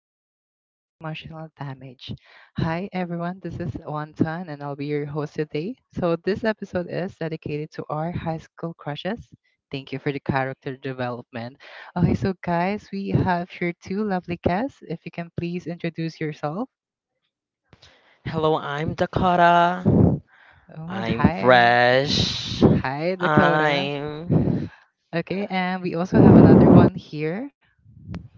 unnecessary emotional damage. Hi everyone, this is Wantan and I'll be your host today. So this episode is dedicated to our high school crushes. Thank you for the character development. Okay, so guys, we have here two lovely guests. If you can please introduce yourself. Hello, I'm Dakota. Oh, I'm hi. fresh. Hi, Dakota. I'm. Okay, and we also have another one here.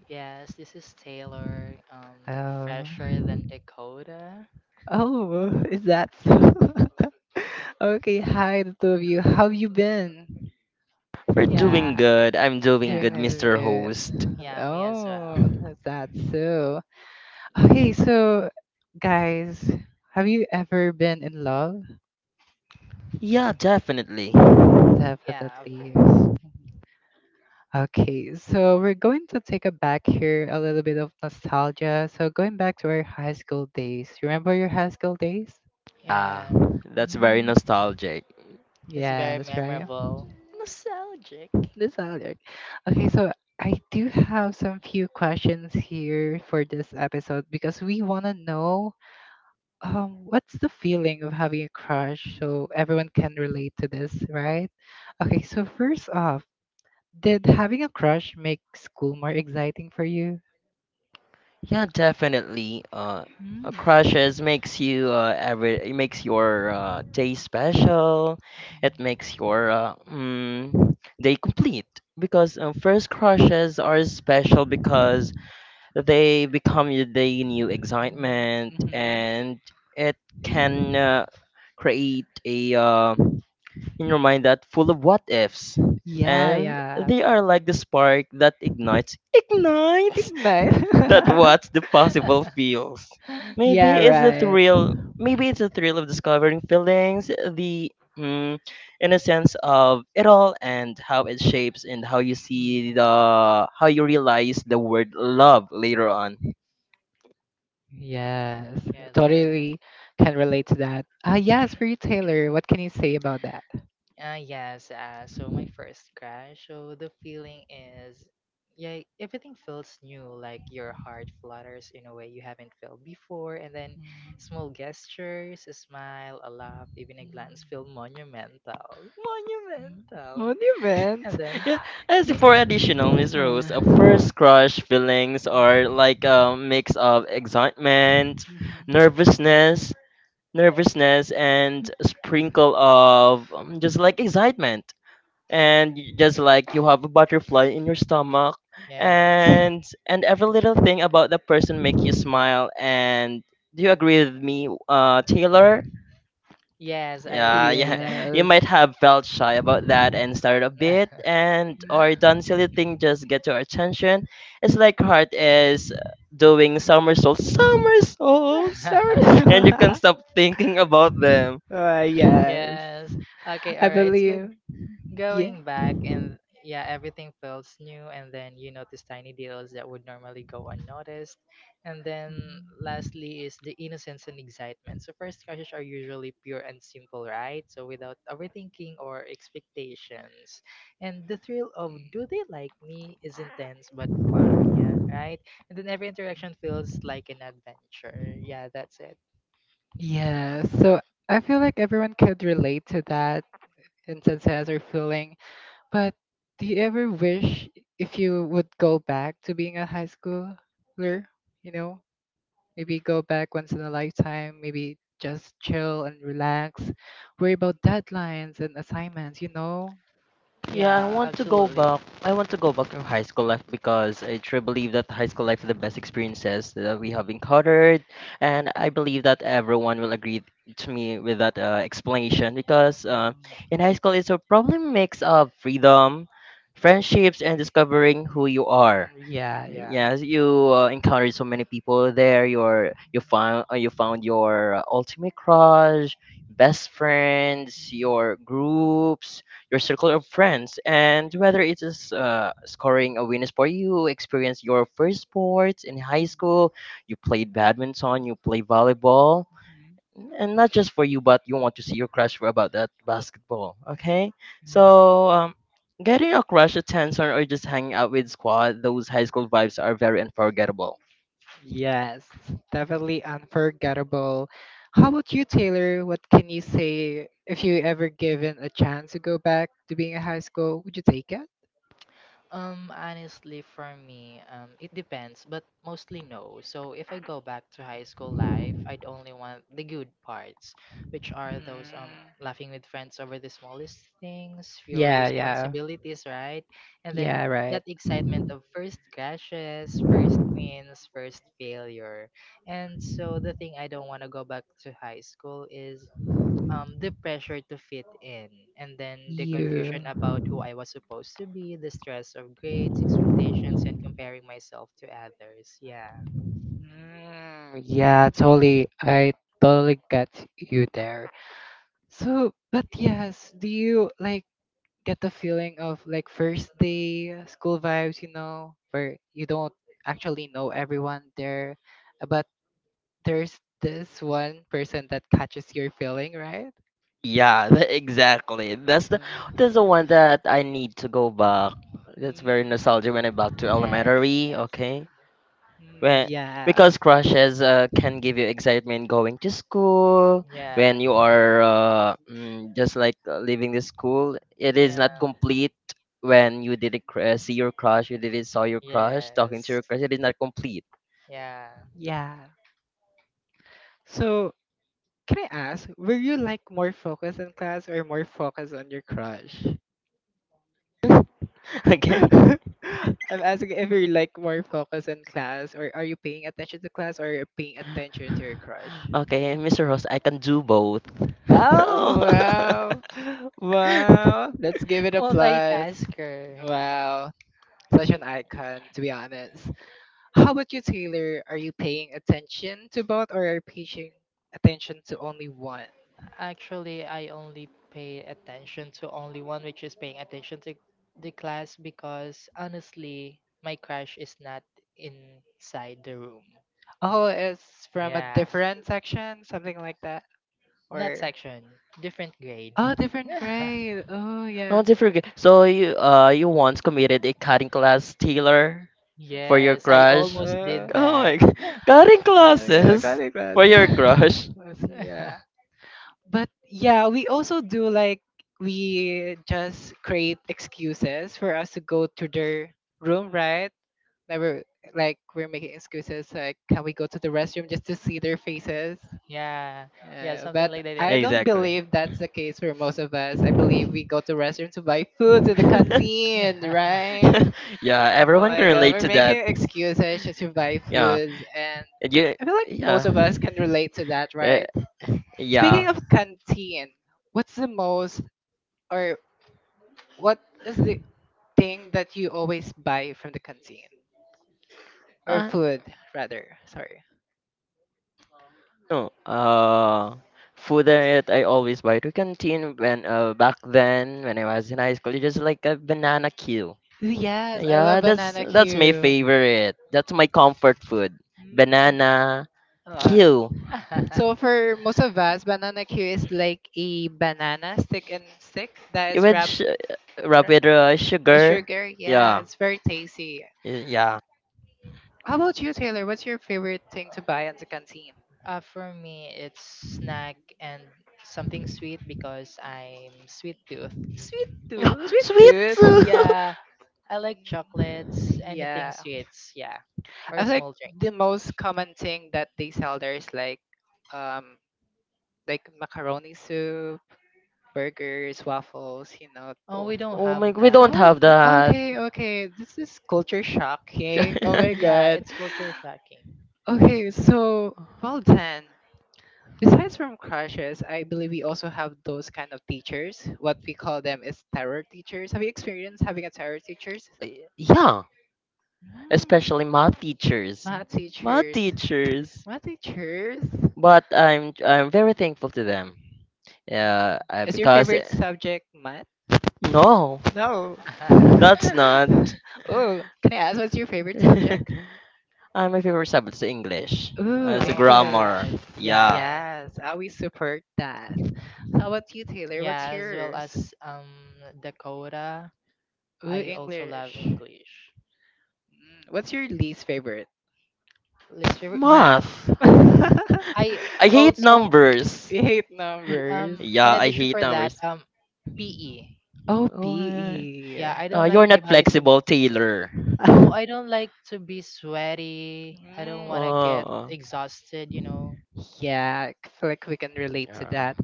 Yes, this is Taylor, Oh, fresher than Dakota. oh, is that so? Okay, hi the two of you. How you been? We're Yeah, doing good. I'm doing Doing good, yeah, really Mr. good. Host. yeah, me as well. Oh, that's that. So, okay, so guys, have you ever been in love? Yeah, definitely. Yeah, of Definitely. Yeah. course. Okay, so we're going to take a back here a little bit of nostalgia. So going back to our high school days. You remember your high school days? Ah, Yeah, that's very Mm, nostalgic. it's very yes, right. memorable. Nostalgic. This other, okay, so I do have some few questions here for this episode because we want to know what's the feeling of having a crush so everyone can relate to this, right? Okay, so first off, did having a crush make school more exciting for you? Yeah, definitely. Mm. Crushes makes you every it makes your day special. It makes your day complete because first crushes are special because they become your day new excitement, Mhm. and it can create a in your mind that full of what ifs. Yeah, And yeah. they are like the spark that ignites Ignite. that what's the possible feels. Yeah, right. Hmm. Maybe it's the thrill of discovering feelings, the mm, innocence of it all, and how it shapes and how you realize the word love later on. Yes, yes, alright. totally can relate to that. Ah, yes, for you, Taylor. What can you say about that? Yes, so my first crush, so the feeling is, yeah, everything feels new, like your heart flutters in a way you haven't felt before, and then small Mm. gestures, a smile, a laugh, even a glance feel monumental. Monumental! Monument. And then, Yeah, as yeah, for additional, Miss Uh, Rose, first crush feelings are like a mix of excitement, mhm. nervousness, nervousness, and a sprinkle of just like excitement, and just like you have a butterfly in your stomach, yes, and every little thing about the person make you smile. And do you agree with me, Taylor? yes, I Yeah, really did, yeah. like, You Yes. might have felt shy about that and started a bit and or done silly thing just get your attention. It's like heart is doing somersaults, Sorry. and you can't stop thinking about them. Yes, yes, okay, I alright, so believe. Yeah. going back, and yeah, everything feels new, and then you notice tiny details that would normally go unnoticed. And then Mhm. lastly is the innocence and excitement. So first crushes are usually pure and simple, right? So without overthinking or expectations. And the thrill of do they like me is intense but fun, yeah, right? And then every interaction feels like an adventure. Yeah, that's it. Yeah, so I feel like everyone could relate to that and instances or feeling. But do you ever wish if you would go back to being a high schooler? You know? Maybe go back once in a lifetime, maybe just chill and relax, worry about deadlines and assignments, you know? Yeah, I Yeah, want to go absolutely. back. I want to go back to high school life because I truly believe that high school life is the Mm, best experiences that we have encountered, and I believe that everyone will agree to me with that explanation because in high school it's a probably mix of freedom, friendships, and discovering who you are. yeah, yeah. Yes, you encountered so many people there. You found you found your ultimate crush, best friends, your groups, your circle of friends, and whether it is scoring a win for you, experience your first sports in high school. You played badminton, you play volleyball, Mhm. and not just for you, but you want to see your crush for about that basketball. Okay, so getting a crush a tension, or just hanging out with squad, those high school vibes are very unforgettable. Yes, definitely unforgettable. How about you, Taylor? What can you say if you ever given a chance to go back to being in high school? Would you take it? Honestly, for me, it depends, but mostly no. So if I go back to high school life, I'd only want the good parts, which are those Mm. laughing with friends over the smallest things, fewer Yeah, yeah. responsibilities, right? And then Yeah, that right. excitement of first crashes, first wins, first failure. And so the thing I don't want to go back to high school is the pressure to fit in, and then the confusion You. about who I was supposed to be, the stress of grades, expectations, and comparing myself to others. Yeah. Mm, yeah, totally. I totally get you there. So, but yes, do you like get the feeling of like first day school vibes, you know, where you don't actually know everyone there, but there's this one person that catches your feeling, right? Yeah, exactly. Uh, That's the one that I need to go back. That's very mm, nostalgic when I back to Yes. elementary. Yes. Okay, mm, When, yeah. because crushes can give you excitement going to school Yeah. when you are just like leaving the school. It is Yeah. not complete when you didn't see your crush, you didn't saw your crush, talking to Yes. your crush. It is not complete. Yeah. Yeah. So, can I ask, were you like more focused in class or more focused on your crush? okay, I'm asking if you're like more focused in class or are you paying attention to class or you're paying attention to your crush? okay, Mr. Ross, I can do both. Oh, Oh, wow. oh Wow. Let's give it a plus. Multitasker. Wow. Such an icon, to be honest. How about you, Taylor? Are you paying attention to both or are you paying attention to only one? Actually, I only pay attention to only one, which is paying attention to the class, because honestly, my crush is not inside the room. Oh, it's from a Yeah. different section, something like that. Not Or section, different grade. oh, different grade. Oh, yeah. not forget. So you you once committed a cutting class, Taylor. For your Yes, I crush? almost Uh, did Oh my that. god. Cutting Oh, yeah, classes? cutting For classes. your crush? Yes, yeah. But yeah, we also do like we just create excuses for us to go to their room, right? Never, like we're making excuses like, can we go to the restroom just to see their faces, Yeah, yeah, something but like that. I don't Exactly. believe that's the case for most of us. I believe we go to restroom to buy food to the canteen, right? yeah, yeah, Oh everyone can my god, relate we're to that. making excuses just to buy Yeah. foods. And And you, I feel like yeah. most of us can relate to that, Eh, right? yeah. Speaking of Yes. canteen, what's the most, or what is the thing that you always buy from the canteen, or Uh, food rather, sorry. No, food that I always buy to canteen when back then when I was in high school, it's just like a banana queue. Yes, I Yeah, love banana that's my queue. favorite. That's my comfort food. Mm. Banana Uh, queue so for most of us, banana queue is like a banana stick and stick that is with wrapped wrapped rapid a sugar. sugar. Yeah, Yeah, it's very tasty. Yeah. How about you, Taylor? What's your favorite thing to buy at the canteen? For me, it's snack and something sweet because I'm sweet tooth. Sweet tooth? Sweet sweet tooth. Mm, Yeah, I like chocolates, anything yeah, sweets, yeah, I or feel like small drink. the most common thing that they sell there is um, like macaroni soup, burgers, waffles. Oh, Oh, we don't oh have my, we don't Oh, that. Have that. okay, okay. This is culture shocking. Oh my Yeah, god. it's culture shocking. Okay, so well then. Besides from crushes, I believe we also have those kind of teachers. What we call them is terror teachers. Have you experienced having a terror teachers? yeah, Mm. especially math teachers. Math Math teachers. teachers. Math teachers? But I'm very thankful to them. Yeah, Is your because favorite subject math? no, No. that's not. Oh, can I ask, what's your favorite and subject? my favorite subject is English. Ooh, As a Oh my English. grammar. god. Yeah. Yeah. Yes, I always support that. How about you, Taylor? Yeah, What's as well yours? as Dakota, Ooh, I also love English. English. Mm, what's your least favorite? Literature, math. Math. You I I hate also, numbers. hate numbers. In Yeah, I addition hate for that, numbers. PE. Oh, Oh, uh, PE. Yeah, I don't you're like my not body to. flexible, Taylor. No, I don't like to be sweaty. I don't Mm. want to get Oh. exhausted. Yeah, I feel like we can relate to that.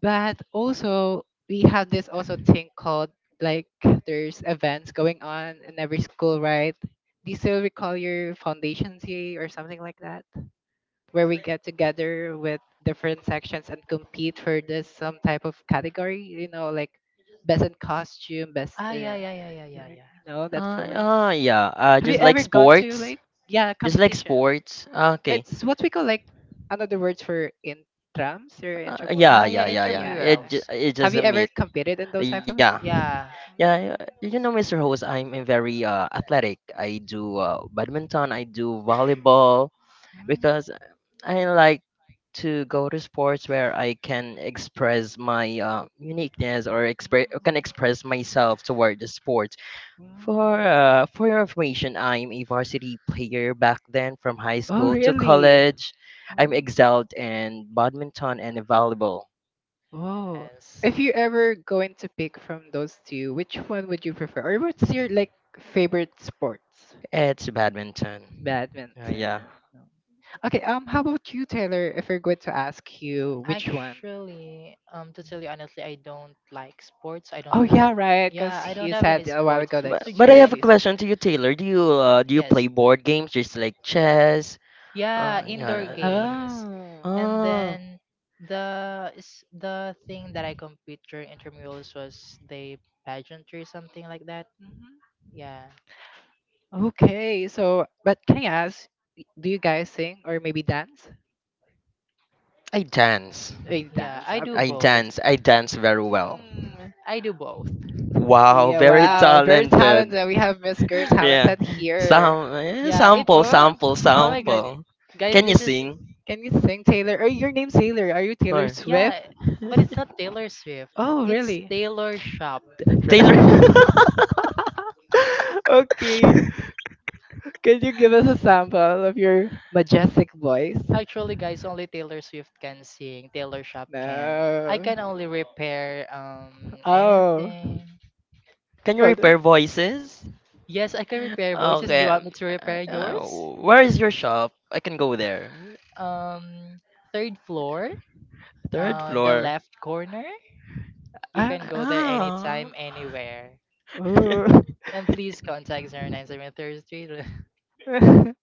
But also, we have this also thing called, like, there's events going on in every school, right? Do you still recall your foundation day or something like that, where we get together with different sections and compete for this some type of category, you know, like best in costume, best Ah, yeah, yeah, yeah, yeah, you yeah, yeah. know that feeling? Yeah. Have you Just like ever gone to, sports. like, yeah, Just like competition, sports. Ah, okay. it's what we call, like, another words for intrams or Yeah, Ah, intramura. yeah, yeah, Yeah, yeah, yeah. yeah, yeah. Intramurals. It Have just you a ever meet. competed in those type Yeah. of? Mm. Yeah. Yeah, you know, Mr. Host, I'm a very athletic. I do badminton, I do volleyball Mm. because I like to go to sports where I can express my uniqueness or can express myself toward the sport. Mm. For your information, I'm a varsity player back then from high Oh, school to really? college. I'm Mm. excelled in badminton and volleyball. Oh, Yes. if you ever going to pick from those two, which one would you prefer? Or what's your like favorite sports? It's badminton. Yeah. Badminton. Okay, how about you, Taylor? If we're going to ask you which one? Actually, to tell you honestly, I don't like sports. I don't Oh have, yeah, right, because yeah, I don't he have any said a while sports. ago that But So but I you're have a least. question to you, Taylor. Do you yes, play board games just like chess? yeah, indoor Yeah. games, Oh. and Ah, then the thing that I compete during intramurals was the pageantry, something like that. Mhm. Yeah, Okay, so but can I ask, do you guys sing or maybe dance? I dance. I yeah, dance I up. do both. I dance very well. Mm. I do both. Wow, Yeah, very wow, very talented. talented. We have Miss Girl Yeah. Talented here. Yeah, it. Oh, Oh my God, Sample. guys, Can you this is. sing? can you sing, Taylor? Oh, your name's Taylor. Are you Taylor Or Swift? Yeah, but it's not Taylor Swift. Oh, It's really? Taylor Shop. Sure. Taylor, Okay. Can you give us a sample of your majestic voice? Actually, guys, only Taylor Swift can sing. Taylor Shop can't. I No. can only repair Oh. anything. can you Well, repair voices? Yes, I can repair voices. Do you Okay. want me to repair Uh, yours? where is your shop? I can go there. Um, third floor Third on the floor. left corner. You ah, can go there Ah. anytime, anywhere. oh. And please contact 0973 Street.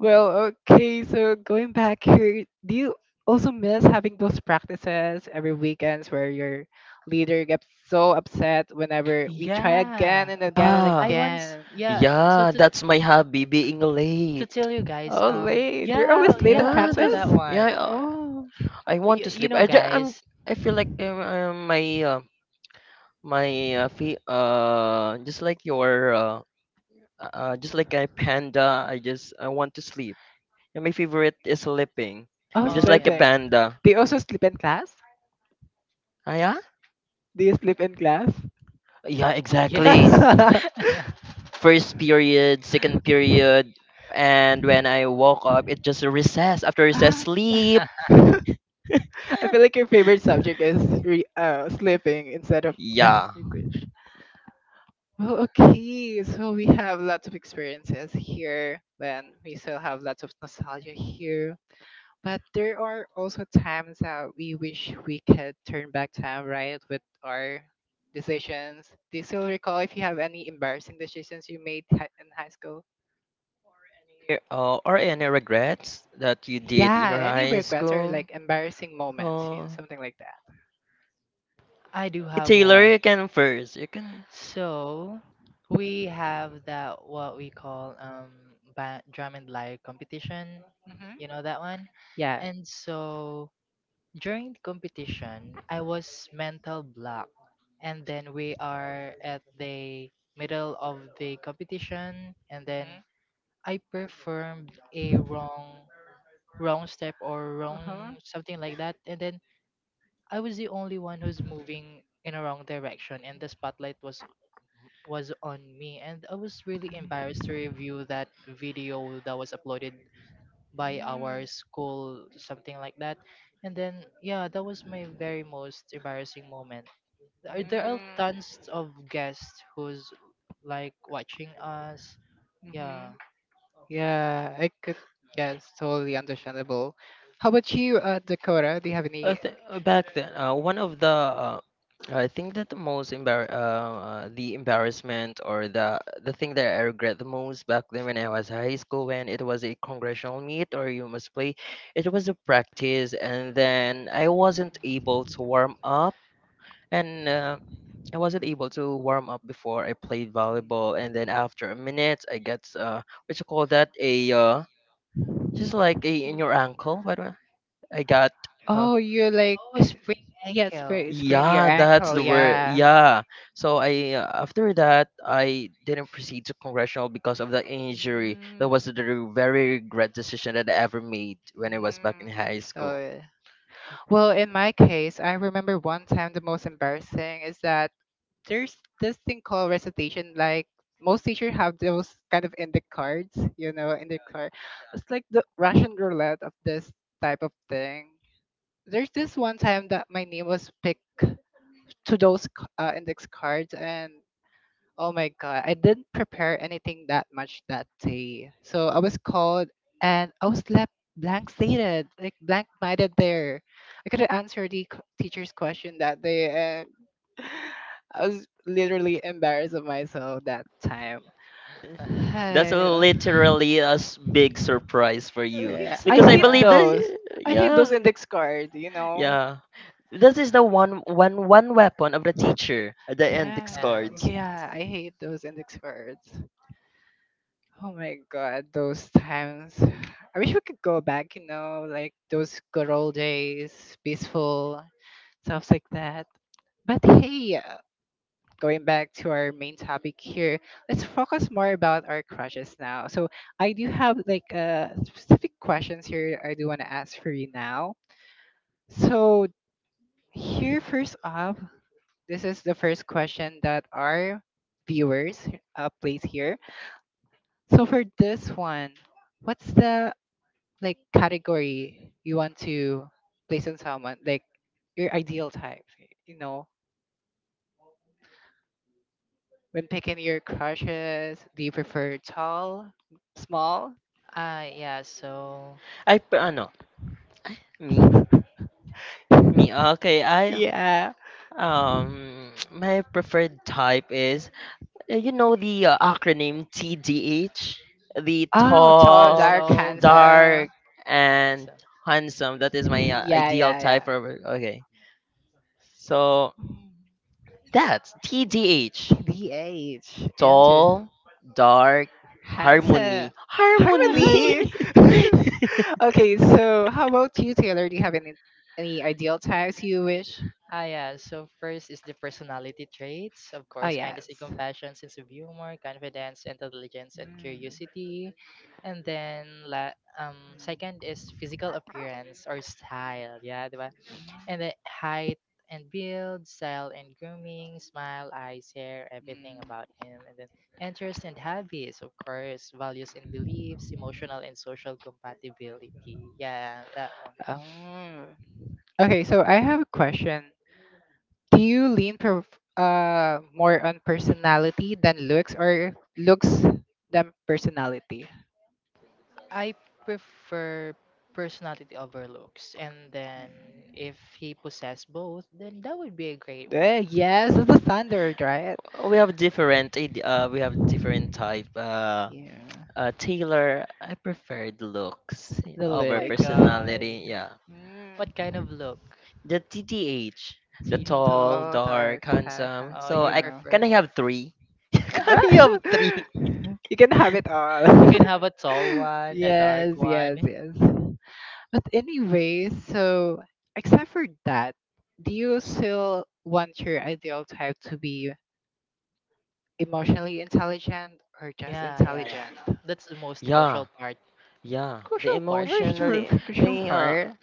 Well, okay, so going back here, do you also miss having those practices every weekends where your leader gets so upset whenever we try yeah, again and again and Ah, I once again? yeah. So yeah, to that's my hobby, being to late. tell you guys Oh, late. You're yeah, always late at yeah, Yeah, also that's that practice? yeah. one. Oh, I want you, to you sleep. know, I just, I'm guys. I feel like my my fee, just like your just like a panda. I want to sleep. And my favorite is sleeping. I was I'm just Oh like a sleeping. yeah. panda. Do you also sleep in class? Ah, yeah. Do you sleep in class? Yeah, exactly. Yes, First period, second period, and when I woke up, it just a recess. After recess, Ah. sleep. I feel like your favorite subject is sleeping instead of math Yeah. English. Well, okay, so we have lots of experiences here, and we still have lots of nostalgia here. But there are also times that we wish we could turn back time, right, with our decisions. Do you still recall if you have any embarrassing decisions you made in high school? Or any regrets that you did in Yeah, your any high regrets or school? like embarrassing moments, you know, Oh, something like that. I do have Taylor, one. you can first. You can. So we have that what we call, drum and light competition, you Mm-hmm. know that one. Yeah. And so during the competition I was mental block, and then we are at the middle of the competition, and then Hmm. I performed a wrong step, or wrong Uh-huh. something like that. And then I was the only one who's moving in a wrong direction, and the spotlight was on me, and I was really embarrassed to review that video that was uploaded by our Mm. school, something like that. And then, yeah, that was my very most embarrassing moment. There are Mm. tons of guests who's like watching us, Mm-hmm. yeah. Yeah, I could guess. Totally understandable. How about you, Dakota? Do you have any? Back then, one of the I think that the embarrassment or the thing that I regret the most back then when I was high school when it was a congressional meet or you must play, it was a practice and then I wasn't able to warm up and I wasn't able to warm up before I played volleyball and then after a minute I got what you call that a Mm. just like a in your ankle what I got uh, Oh, you like, Oh, spring, yeah, ankle. sprain your yeah, that's ankle, the word. yeah. Yeah. So I after that I didn't proceed to congressional because of the injury. That Mm, was the re- Very regret decision that I ever made when I was back in mm. high school. So, well, in my case, I remember one time the most embarrassing is that there's this thing called recitation. Like most teachers have those kind of index cards, you know, index card. It's like the Russian roulette of this type of thing. There's this one time that my name was picked to those index cards and oh my god, I didn't prepare anything that much that day. So I was called and I was left blank stated, like blank minded there. I couldn't answer the teacher's question that day and I was literally embarrassed of myself that time. That's I- literally a s- Big surprise for A you big yeah, i because I hate believe surprise. those that i hate those yeah. index cards, you know. Yeah. This is the one weapon of the teacher, the index Yeah, Yeah. cards. Yes. yeah, I hate those index cards. Oh my god, those times. I wish we could go back, you know, like those good old days, peaceful, stuff like that. But hey, going back to our main topic here, let's focus more about our crushes now. So I do have like specific questions here I do want to ask for you now. So here, first off, this is the first question that our viewers place here. So for this one, what's the like category you want to place on someone, like your ideal type, you know? When picking your crushes, do you prefer tall, small? Ah, yeah, so I p- ano, me. Okay, I Yeah. My preferred type is you know the acronym TDH, the Oh, tall, it's tall, dark, all dark, handsome. dark, and and so. handsome. That is my Yeah, ideal yeah, type yeah. for okay. So that's TDH, TDH. Interesting. tall, dark, Handsome, harmony, harmony. harmony. Harmony. Okay, so how about you, Taylor? Do you have any ideal types you wish? Ah, yeah. So first is the personality traits, of Oh course, kindness and yes. compassion, sense of humor, confidence, intelligence, and Mm. curiosity. And then, la Mm. second is physical appearance or style. Yeah, 'di ba? And the height and build, style and grooming, smile, eyes, hair, Mm. everything about him. And then interests and hobbies, of course, values and beliefs, emotional and social compatibility. Yeah, that one. Oh. Okay, so I have a question. Do you lean more on personality than looks or looks than personality? I prefer personality over looks. And Mm. then if he possess both, then that would be a great one. Eh, yes, it's the standard, right? We have different type. Yeah, Taylor, I preferred looks the over Oh my looks. god. personality. Yeah, Mm. What kind of look? the TTH, the He's tall, all TDH. dark, dark hair, handsome. Oh, So you I handsome. can prefer I more. have three? can I have three? You can have it You all. can have a tall one, a Yes, dark yes, one. yes. But anyway, so except for that, do you still want your ideal type to be emotionally intelligent or just Yeah, yeah, intelligent? yeah. That's the most Yeah, crucial part. yeah. The Crucial part? Oh, sure, emotionally, the sure.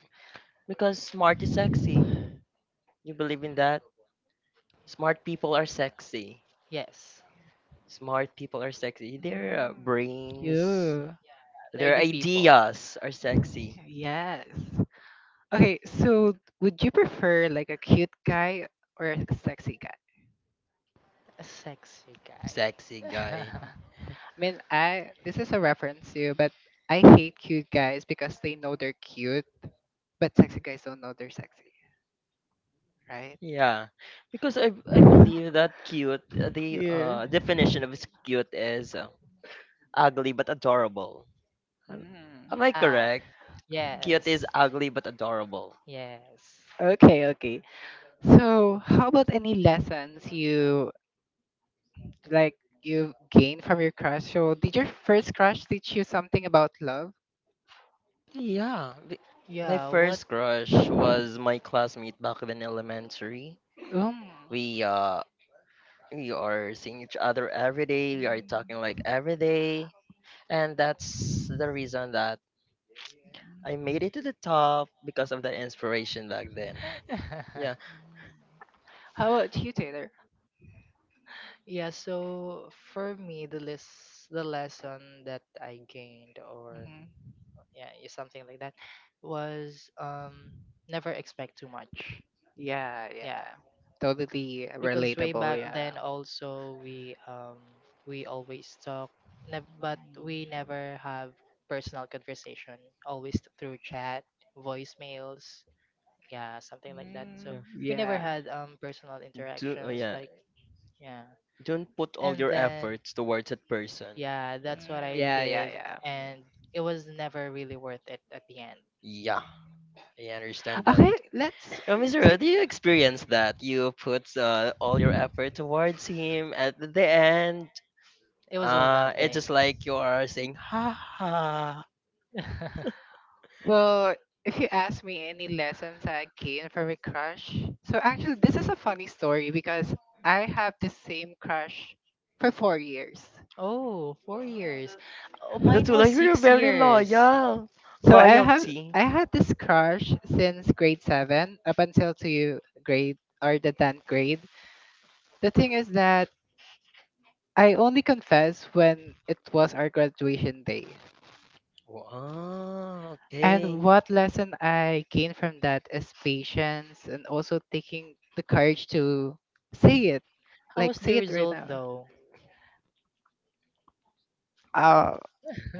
because smart is sexy. You believe in that? Smart people are sexy. Yes. Smart people are sexy. Their Mm. brains, Yeah. their Nerdy people. ideas are sexy. Yes. Okay, so would you prefer like a cute guy or a sexy guy? A sexy guy. Sexy guy. Mm. I mean, I this is a reference to, but I hate cute guys because they know they're cute, but sexy guys don't know they're sexy, right? Yeah, because I believe that cute the Yeah. Definition of is cute is ugly but adorable. Am, Mm. am I ah, correct? Cute is yes. ugly but adorable. Yes. Okay, okay. So, how about any lessons you like you gained from your crush? So, did your first crush teach you something about love? Yeah, my Yeah, what? first crush was my classmate back in elementary. Um. We uh we are seeing each other every day. We are talking like every day, and that's the reason that I made it to the top because of the inspiration back then. Yeah. How about you, Taylor? yeah, so for me, the lesson that I gained, or Hmm. yeah, is something like that, was never expect too much. Yeah, Yeah, yeah. Totally because way relatable, back yeah. then also we, we always talk, but we never have personal conversation, always through chat, voicemails, yeah, something like that. So Mm, Yeah. we never yeah. had personal interactions, Yeah. like, yeah. Don't put all And your then, efforts towards that person. yeah, Yeah. that's what Mm, I yeah, yeah, did. yeah. And it was never really worth it at the end. Yeah. I understand that. Okay, let's Oh, Mr. Ro, take. do you experience that? You put all your effort towards him at the end. It was all It's nothing. just like you are saying, ha ha. Well, if you ask me any lessons I gained from a crush, so actually this is a funny story because I have the same crush for 4 years. Oh, 4 years. Oh, But that's mine was like you're six very years loyal. So Loyalty. I had this crush since grade seven up until to grade or the tenth grade. The thing is that I only confessed when it was our graduation day. Wow, And okay. what lesson I gained from that is patience and also taking the courage to say it. How was Like the say it right result now. though? Uh,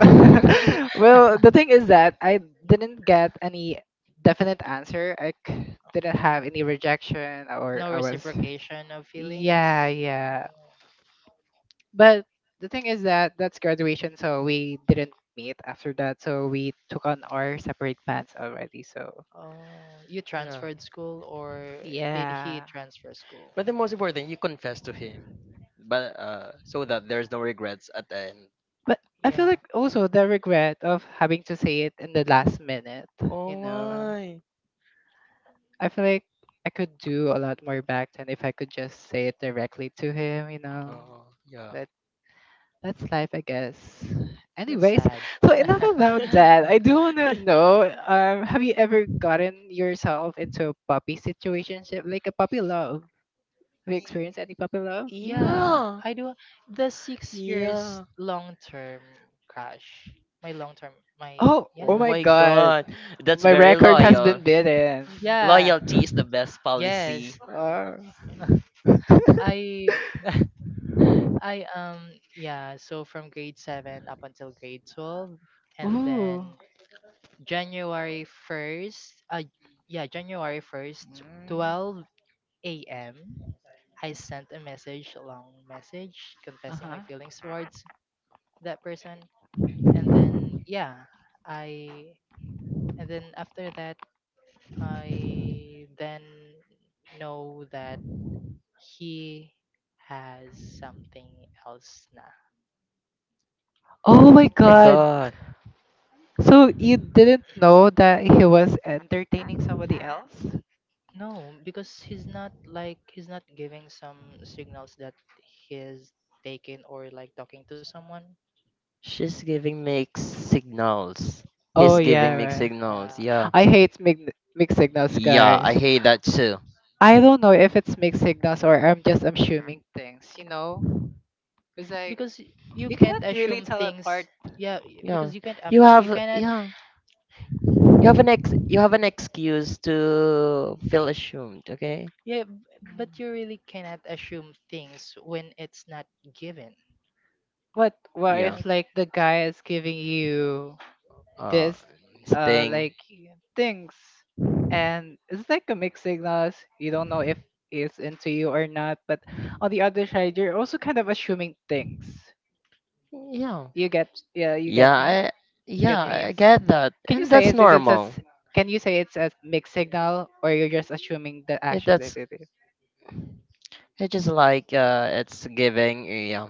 well, the thing is that I didn't get any definite answer. I c- didn't have any rejection or No I was. reciprocation of feelings? Yeah, yeah. But the thing is that that's graduation, so we didn't meet after that. So we took on our separate paths already. So Oh, you Yeah. transferred school, or did he yeah. transfer school? But the most important, you confess to him. But so that there's no regrets at the end. But I feel Yeah, like also the regret of having to say it in the last minute, you Oh, know. why? I feel like I could do a lot more back then if I could just say it directly to him, you know. Oh, yeah. That. That's life, I guess. that's Anyways, sad. so enough about that. I do wanna know, have you ever gotten yourself into a puppy situationship, like a puppy love? Have you Y- experienced any puppy love? Yeah, Yeah. I do, the 6 years Yeah. long term crush. My long term, my Oh, oh Oh yeah, my Oh God, god, that's my very record has been loyal. beaten. yeah, Loyalty is the best policy. yes. Uh, I I yeah, so from grade 7 up until grade 12, ooh. and Mm. then January 1st, yeah, January 1st, 12 a.m., I sent a message, a long message Uh confessing my huh. feelings towards that person. And then, yeah, I, and then after that I then know that he has something else now. Oh my My god. god. So you didn't know that he was entertaining somebody else? No, because he's not giving some signals that he's taken or like talking to someone. She's giving mixed signals. Oh He's yeah, giving mixed right. signals. Yeah, Yeah. I hate mig- mixed signals, Yeah, I guys. hate that too. I don't know if it's mixed signals or I'm just assuming things, you know? It's like because you you can't cannot really assume tell things. apart. Yeah, Yeah. because you can't, You you have cannot. yeah. You have an excuse to feel ashamed, okay? Yeah, b- Mm. but you really cannot assume things when it's not given, What Yeah. if right? like the guy is giving you Uh this sting. like things, and it's like a mixed signals, you don't know if it's into you or not, but on the other side you're also kind of assuming things, Yeah. you get, yeah you get Yeah, me, I you get yeah, me. I Yes. get that. Can you And say that's it's, if it's as, normal. can you say it's a mixed signal or you're just assuming the It, action that that's it is. it's just like it's giving yeah.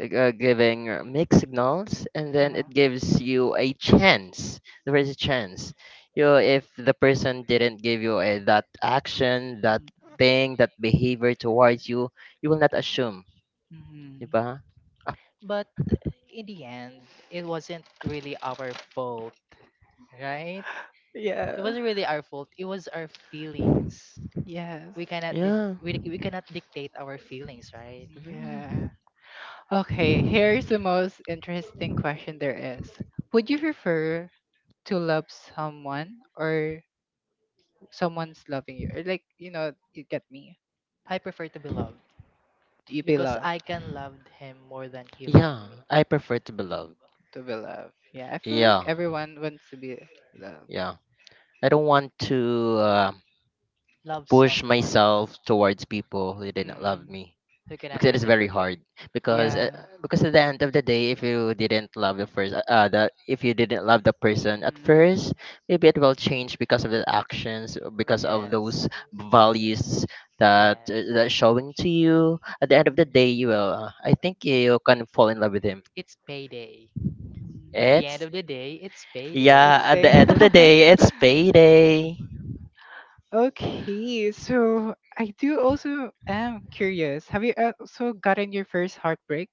giving mixed signals and then Uh-huh. it gives you a chance there is a chance you know, if the person didn't give you that action that Mm, thing that behavior towards you, you will not assume mhm. diba? Ah, But in the end, it wasn't really our fault, right? It Yeah. wasn't really our fault. It was our feelings. Yes. We cannot di- yeah. we, we cannot dictate our feelings, right? Mhm. Yeah. Okay, here's the most interesting question there is. Would you prefer to love someone or someone's loving you? Or like, you know, you get me. I prefer to be loved Do you be because loved? I can love him more than he loved Yeah, me. I prefer to be loved. To be loved. Yeah, I feel like Yeah. everyone wants to be loved. Yeah, I don't want to Love push someone myself towards people who didn't love Mm, me who cannot because it is very reciprocate. hard because uh, yeah. because at the end of the day if you didn't love the first the if you didn't love the person at first Mm, maybe it will change because of the actions, because of those Yes. values that Yes. That showing to you at the end of the day you will I think you can fall in love with him. It's payday. Mm. At the end It's of the day, it's yeah It's payday. at the fair. end of the day it's payday. Okay, so I do also am curious. Have you also gotten your first heartbreak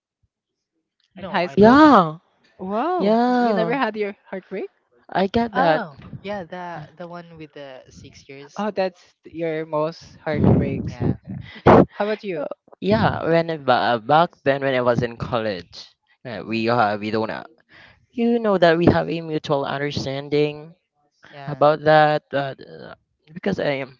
in No, high I don't. school? Yeah. Yeah, Wow, you never yeah, had your heartbreak? I get that. Oh, yeah, the one with the 6 years. Oh, that's your most heartbreaks. Yeah. How about you? Yeah, when I back then when I was in college, Mhm. We don't you know that we have a mutual understanding Yeah. about that because I am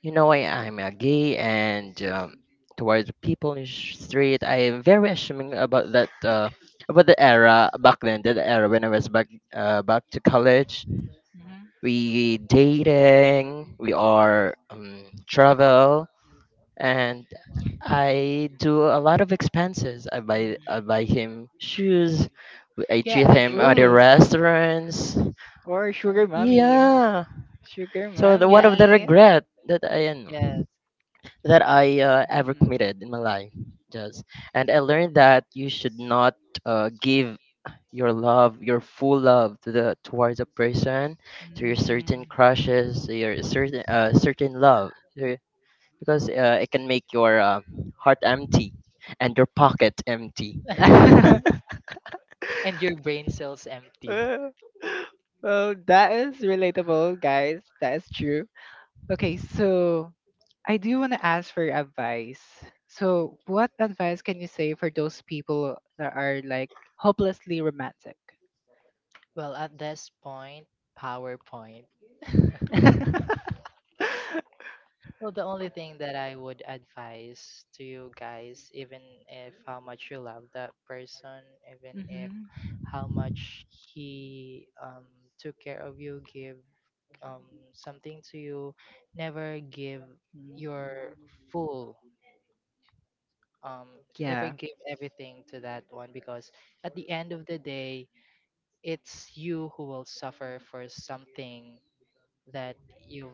you know I'm a gay, and towards people in street I am very assuming about that about the era back then, the era when I was back to college, we dating, we are travel, Mhm. and I do a lot of expenses. I buy him shoes. I Yeah, treat him at the Ooh, actually. restaurants. or sugar mommy. Yeah. Sugar So the one Yeah, I of the mommy. regret that I am guess. that I ever Mm. committed in my life. Just and I learned that you should not give your love, your full love to the towards a person, to your Mm. certain crushes, to your certain certain love, to- because it can make your heart empty and your pocket empty. And your brain cells empty. Well, that is relatable, guys. That is true. Okay, so I do want to ask for advice. So, what advice can you say for those people that are like hopelessly romantic? Well, at this point, PowerPoint. Well, the only thing that I would advise to you guys, even if how much you love that person, even if Hmm. how much he took care of you, give um something to you, never give your full, never Yeah, give everything to that one, because at the end of the day, it's you who will suffer for something that you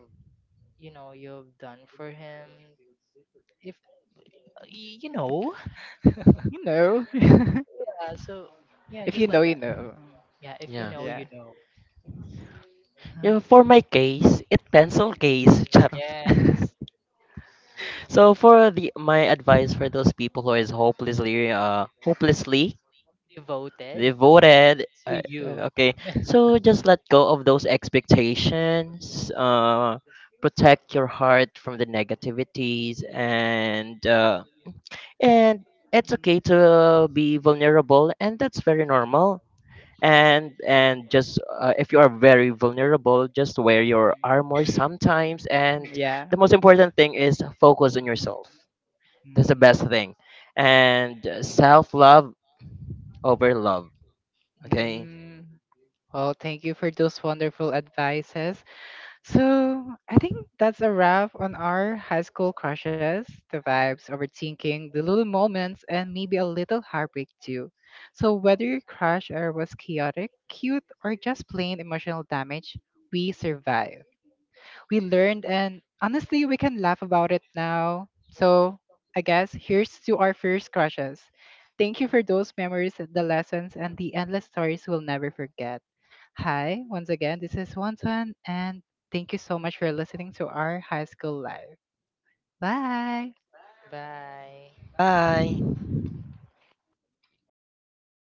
you know you've done for him, if you know, you know. yeah. So, yeah, If you just know, like you that, know. yeah. If you Yeah. know, you Yeah. know. Yeah, for my case, it pencil case. Charot. Yes. So for the my advice for those people who is hopelessly Devoted devoted to you. Okay, so just let go of those expectations protect your heart from the negativities, and and it's okay to be vulnerable and that's very normal, and just if you are very vulnerable just wear your armor sometimes and Yeah. the most important thing is focus on yourself, that's the Mm. best thing and self love over love, okay, Mm. Well, thank you for those wonderful advices. So I think that's a wrap on our high school crushes, the vibes, overthinking, the little moments, and maybe a little heartbreak too. So whether your crush or was chaotic, cute, or just plain emotional damage, we survived. We learned, and honestly, we can laugh about it now. So I guess here's to our first crushes. Thank you for those memories, the lessons, and the endless stories we'll never forget. Hi, once again, this is Wanton, and thank you so much for listening to our high school life. Bye. Bye. bye. Pagod